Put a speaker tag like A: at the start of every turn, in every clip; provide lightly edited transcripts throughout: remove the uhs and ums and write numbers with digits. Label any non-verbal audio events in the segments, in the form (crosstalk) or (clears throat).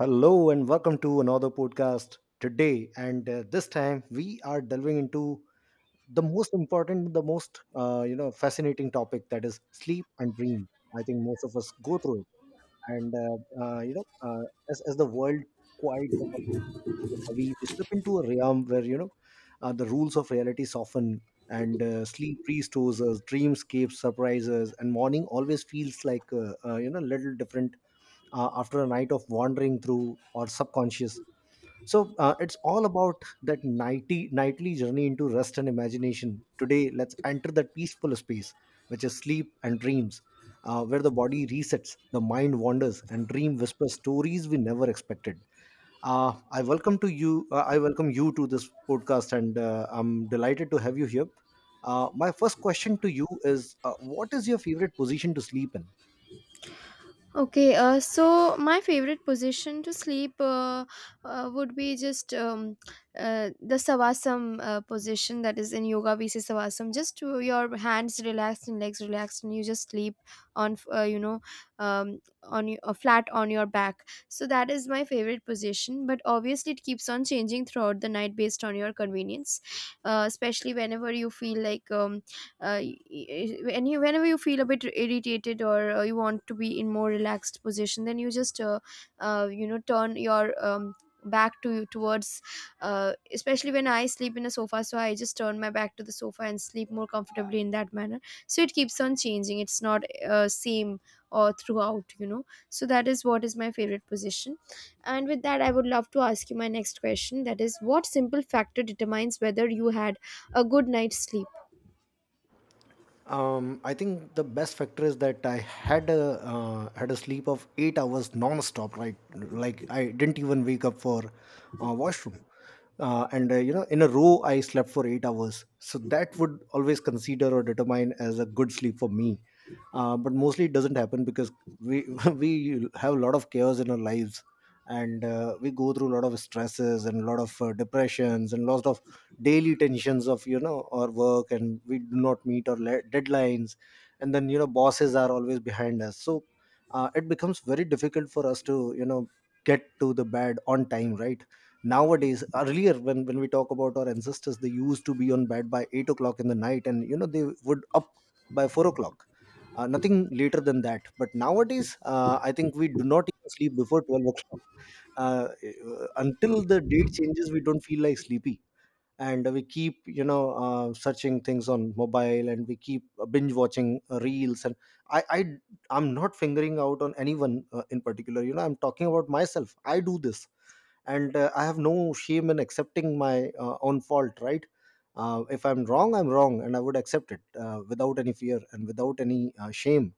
A: Hello and welcome to another podcast today. And this time we are delving into the most important, the most fascinating topic that is sleep and dream. I think most of us go through it, and uh, as the world quiets and heavy, we slip into a realm where the rules of reality soften, and sleep restores us, dreamscapes surprises, and morning always feels like little different after a night of wandering through or subconscious. So it's all about that nightly journey into rest and imagination. Today let's enter that peaceful space which is sleep and dreams, where the body resets, the mind wanders, and dream whispers stories we never expected. I welcome you to this podcast, and I'm delighted to have you here. My first question to you is, what is your favorite position to sleep in?
B: Okay, so my favorite position to sleep would be just the savasam position that is in yoga. We say savasam, just to your hands relaxed and legs relaxed, and you just sleep on, flat on your back. So that is my favorite position. But obviously, it keeps on changing throughout the night based on your convenience, especially whenever you feel like. Uh, y- Whenever you feel a bit irritated, or you want to be in more relaxed position, then you just turn your back to towards, especially when I sleep in a sofa, so I just turn my back to the sofa and sleep more comfortably in that manner. So it keeps on changing. It's not same or throughout, you know. So that is what is my favorite position. And with that, I would love to ask you my next question, that is, what simple factor determines whether you had a good night's sleep?
A: I think the best factor is that I had a sleep of 8 hours non-stop. Right, like I didn't even wake up for washroom, and in a row I slept for 8 hours. So that would always consider or determine as a good sleep for me. But mostly it doesn't happen because we (laughs) we have a lot of chaos in our lives, and we go through a lot of stresses and a lot of depressions and lots of daily tensions of our work, and we do not meet our deadlines. And then bosses are always behind us, so it becomes very difficult for us to get to the bed on time, right? Nowadays, earlier when we talk about our ancestors, they used to be on bed by 8 o'clock in the night, and they would up by 4 o'clock, nothing later than that. But nowadays I think we do not even sleep before 12 o'clock, uh, until the date changes we don't feel like sleepy. And we keep searching things on mobile, and we keep binge watching reels. And i i I'm not fingering out on anyone in particular. I'm talking about myself, I do this. And I have no shame in accepting my own fault, right? If I'm wrong, I'm wrong, and I would accept it without any fear and without any shame.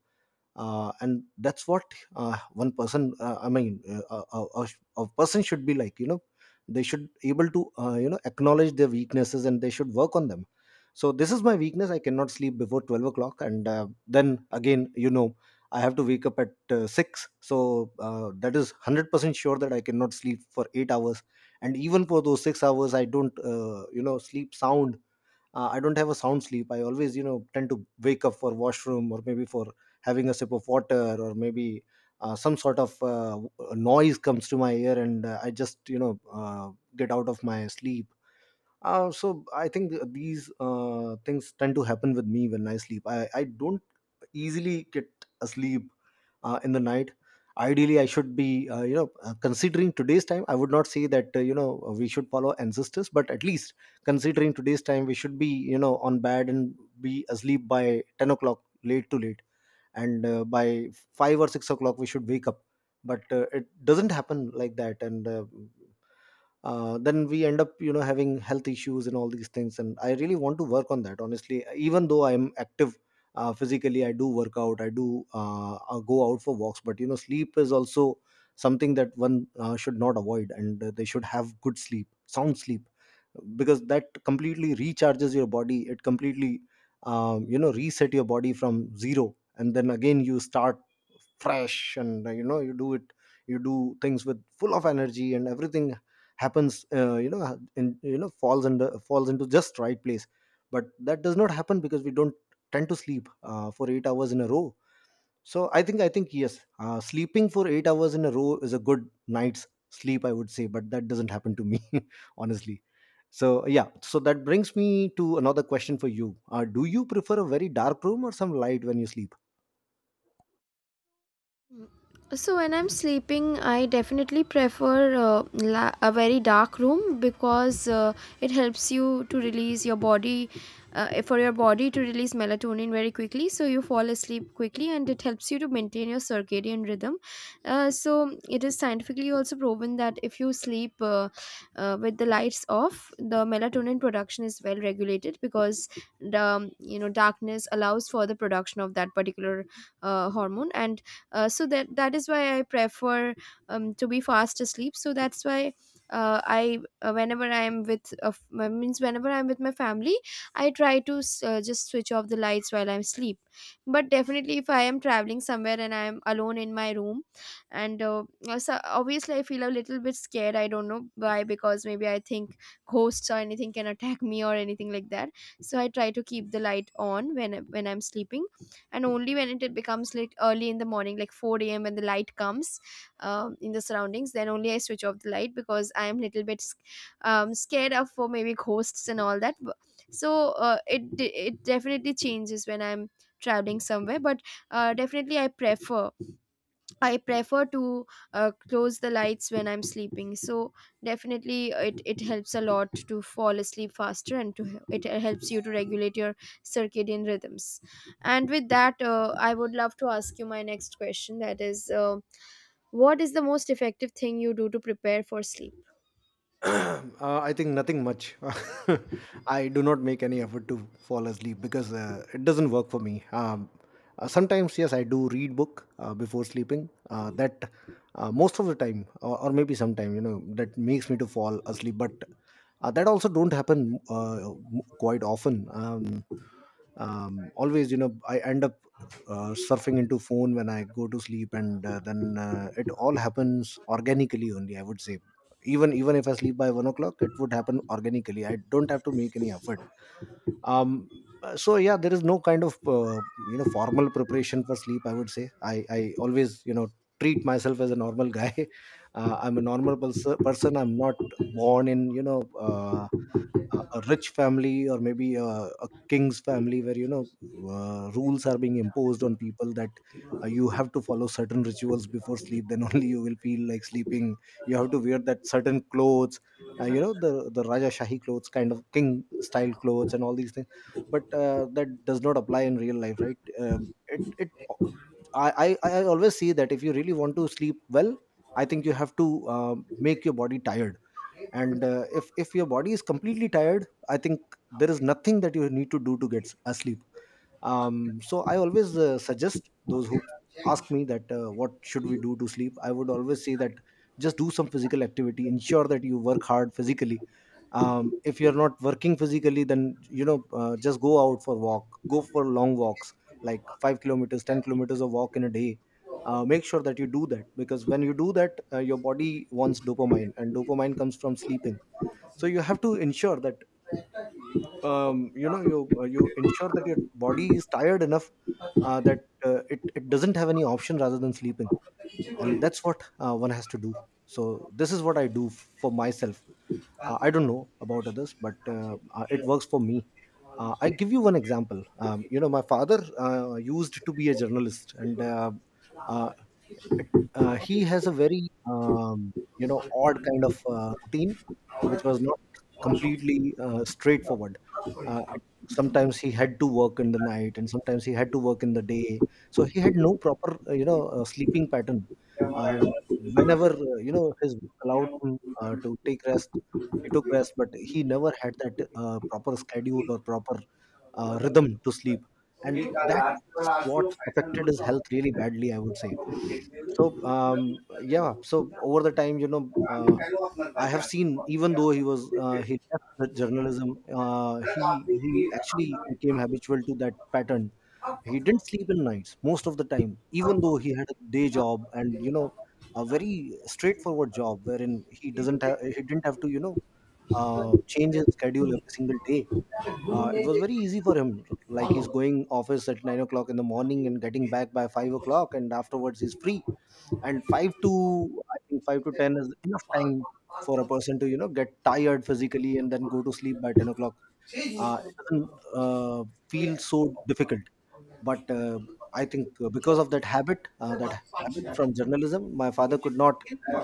A: And that's what one person, I mean, a person should be like. They should able to acknowledge their weaknesses and they should work on them. So this is my weakness, I cannot sleep before 12 o'clock. And then again, I have to wake up at 6. So that is 100% sure that I cannot sleep for 8 hours. And even for those 6 hours I don't sleep sound. I don't have a sound sleep, I always tend to wake up for washroom, or maybe for having a sip of water, or maybe some sort of noise comes to my ear, and I just get out of my sleep. So I think these things tend to happen with me when I sleep. I don't easily get asleep in the night. Ideally, I should be, considering today's time, I would not say that, we should follow ancestors, but at least considering today's time, we should be, on bed and be asleep by 10 o'clock, late to late. And by 5 or 6 o'clock, we should wake up. But it doesn't happen like that. And then we end up having health issues and all these things. And I really want to work on that honestly, even though I'm active physically. I do work out, I do go out for walks. But sleep is also something that one should not avoid, and they should have good sleep, sound sleep, because that completely recharges your body, it completely reset your body from zero. And then again you start fresh, and you do things with full of energy, and everything happens in falls into just right place. But that does not happen because we don't tend to sleep for 8 hours in a row. So I think, yes, sleeping for 8 hours in a row is a good night's sleep, I would say. But that doesn't happen to me (laughs) honestly. So yeah, so that brings me to another question for you. Do you prefer a very dark room or some light when you sleep?
B: So when I'm sleeping, I definitely prefer a very dark room, because it helps you to release your body, for your body to release melatonin very quickly. So you fall asleep quickly, and it helps you to maintain your circadian rhythm. So it is scientifically also proven that if you sleep with the lights off, the melatonin production is well regulated, because the you know, darkness allows for the production of that particular hormone. And so that is why I prefer to be fast asleep. So that's why I whenever I am with a means, whenever I'm with my family, I try to just switch off the lights while I'm asleep. But definitely if I am traveling somewhere and I am alone in my room, and so obviously I feel a little bit scared. I don't know why, because maybe I think ghosts or anything can attack me or anything like that. So I try to keep the light on when I'm sleeping. And only when it becomes like early in the morning, like 4 a.m. when the light comes in the surroundings, then only I switch off the light, because I am little bit scared of, for maybe ghosts and all that. It definitely changes when I'm traveling somewhere, but definitely I prefer, I prefer to close the lights when I'm sleeping. So definitely it helps a lot to fall asleep faster, and to, it helps you to regulate your circadian rhythms. And with that, I would love to ask you my next question. That is, what is the most effective thing you do to prepare for sleep?
A: (clears throat) I think nothing much. (laughs) I do not make any effort to fall asleep because it doesn't work for me. Sometimes, yes, I do read book before sleeping. That most of the time, or maybe sometime, that makes me to fall asleep. But that also don't happen quite often. Always I end up surfing into phone when I go to sleep. And then it all happens organically only, I would say. Even if I sleep by 1 o'clock, it would happen organically, I don't have to make any effort. um, so yeah, there is no kind of formal preparation for sleep, I would say. I always treat myself as a normal guy. (laughs) I'm a normal person. I'm not born in uh, a rich family, or maybe a king's family where rules are being imposed on people that you have to follow certain rituals before sleep, then (laughs) only you will feel like sleeping. You have to wear that certain clothes, the raja shahi clothes kind of king style clothes and all these things. But that does not apply in real life, right? It it I, I always see that if you really want to sleep well, I think you have to uh, make your body tired. And if your body is completely tired, I think there is nothing that you need to do to get asleep. So I always suggest those who ask me that what should we do to sleep, I would always say that just do some physical activity, ensure that you work hard physically. If you're not working physically, then just go out for walk, go for long walks like 5 kilometers 10 kilometers of walk in a day. Make sure that you do that because when you do that your body wants dopamine, and dopamine comes from sleeping. So you have to ensure that you ensure that your body is tired enough, that it doesn't have any option rather than sleeping, and that's what one has to do. So this is what I do for myself. I don't know about others, but it works for me. I give you one example. You know, my father used to be a journalist, and uh, he has a very um, you know odd kind of routine which was not completely straightforward. uh, it- Sometimes he had to work in the night and sometimes he had to work in the day, so he had no proper you know sleeping pattern. uh, Whenever you know his work allowed him to take rest, he took rest, but he never had that proper schedule or proper rhythm to sleep. And that's what affected his health really badly, I would say. So um yeah so over the time, you know, uh, I have seen, even though he was he left the journalism, uh, he he actually became habitual to that pattern. He didn't sleep in nights most of the time, even though he had a day job and, you know, a very straightforward job wherein he didn't have to, you know, change his schedule every single day. It was very easy for him, like he's going office at 9 o'clock in the morning and getting back by 5 o'clock, and afterwards he's free. And 5 to 10 is enough time for a person to, you know, get tired physically and then go to sleep by 10 o'clock. It doesn't uh, feel so difficult. But I think because of that habit, that habit from journalism, my father could not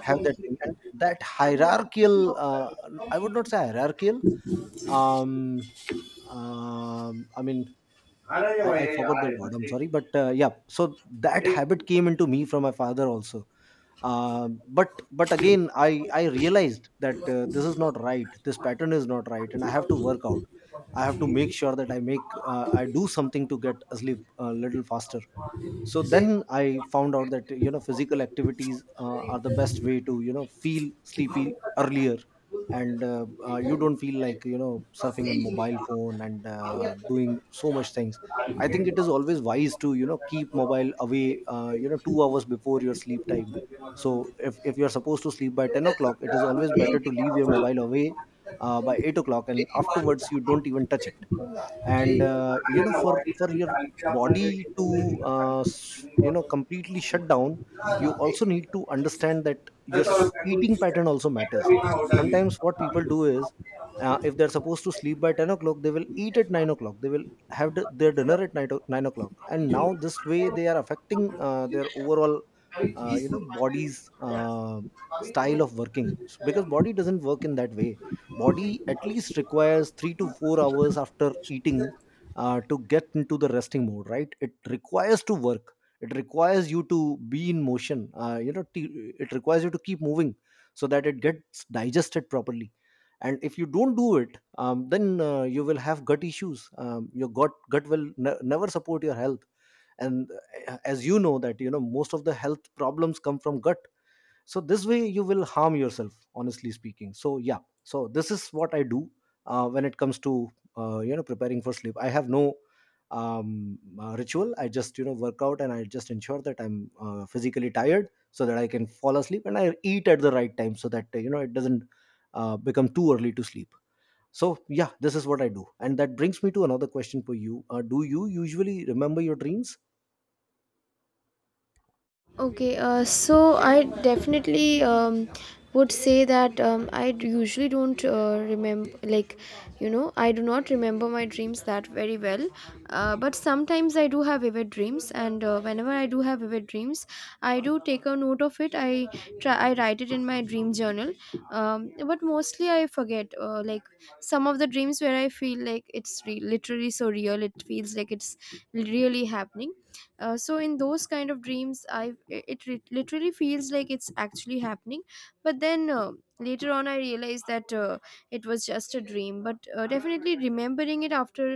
A: have that thing. And that hierarchical— uh, I would not say hierarchical. um, I mean, I forgot that word, I'm sorry, but yeah. So that habit came into me from my father also. But again, I realized that this is not right, this pattern is not right, and I have to work out. I have to make sure that I do something to get asleep a little faster. So then I found out that, you know, physical activities are the best way to, you know, feel sleepy earlier. And you don't feel like, you know, surfing on mobile phone and doing so much things. I think it is always wise to, you know, keep mobile away, you know, 2 hours before your sleep time. So if you're supposed to sleep by 10 o'clock, it is always better to leave your mobile away by 8 o'clock and afterwards you don't even touch it. And you know, for your body to you know completely shut down, you also need to understand that your eating pattern also matters. Sometimes what people do is, if they're supposed to sleep by 10 o'clock, they will eat at 9 o'clock, they will have their dinner at 9 o'clock. And now this way they are affecting their overall you know, body's style of working. Because body doesn't work in that way. Body at least requires 3 to 4 hours after eating to get into the resting mode, right? It requires to work, it requires you to be in motion, you know, it requires you to keep moving so that it gets digested properly. And if you don't do it, then you will have gut issues. Your gut will never support your health. And as you know that, you know, most of the health problems come from gut. So this way you will harm yourself, honestly speaking. So yeah, so this is what I do when it comes to you know, preparing for sleep. I have no ritual. I just, you know, work out and I just ensure that I'm physically tired so that I can fall asleep, and I eat at the right time so that you know, it doesn't become too early to sleep. So yeah, this is what I do. And that brings me to another question for you: do you usually remember your dreams?
B: Okay, so I definitely would say that usually don't remember, like, you know, I do not remember my dreams that very well. But sometimes I do have vivid dreams, and whenever I do have vivid dreams, I do take a note of it. I write it in my dream journal. But mostly I forget, like, some of the dreams where I feel like it's literally so real, it feels like it's really happening. Uh, so in those kind of dreams, I literally feels like it's actually happening. But then later on I realized that it was just a dream. But definitely remembering it after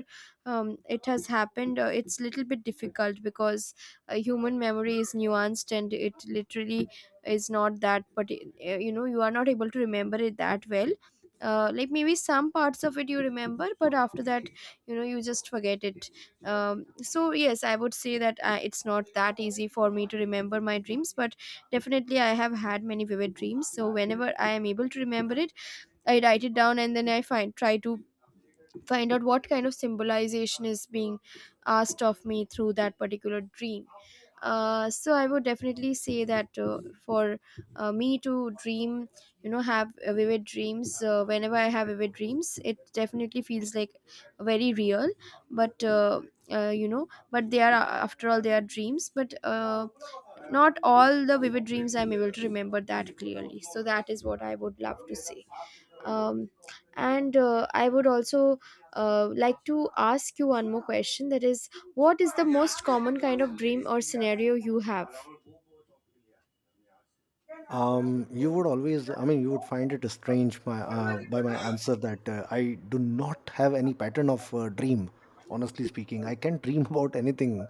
B: it has happened, it's little bit difficult, because human memory is nuanced, and it literally is not that. But you know, you are not able to remember it that well. Like maybe some parts of it you remember, but after that, you know, you just forget it. So yes, I would say that it's not that easy for me to remember my dreams. But definitely I have had many vivid dreams, so whenever I am able to remember it, I write it down, and then I find, try to find out what kind of symbolization is being asked of me through that particular dream. So I would definitely say that for me to dream, you know, have vivid dreams, whenever I have vivid dreams, it definitely feels like very real. But you know, but they are, after all they are dreams. But not all the vivid dreams I'm able to remember that clearly. So that is what I would love to say. Um, and I would also like to ask you one more question, that is, what is the most common kind of dream or scenario you have?
A: You would always, I mean, you would find it strange my, by my answer, that I do not have any pattern of dream. Honestly speaking, I can dream (laughs) about anything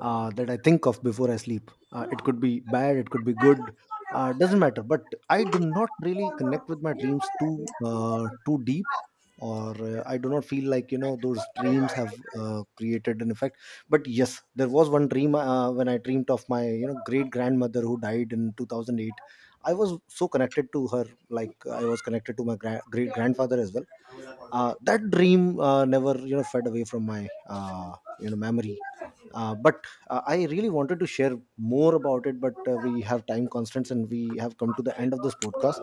A: that I think of before I sleep. It could be bad, it could be good, doesn't matter. But I do not really connect with my dreams too deep, or I do not feel like, you know, those dreams have created an effect. But yes, there was one dream when I dreamt of my, you know, great grandmother who died in 2008. I was so connected to her, like I was connected to my great grandfather as well. That dream never, you know, fed away from my you know memory. But I really wanted to share more about it, but we have time constraints and we have come to the end of this podcast.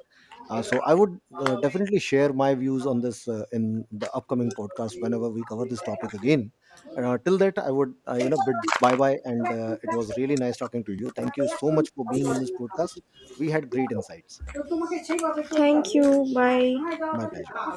A: So I would definitely share my views on this in the upcoming podcast whenever we cover this topic again. Till that, I would you know, bid bye bye. And it was really nice talking to you. Thank you so much for being in this podcast. We had great insights.
B: Thank you,
A: My pleasure.
B: bye.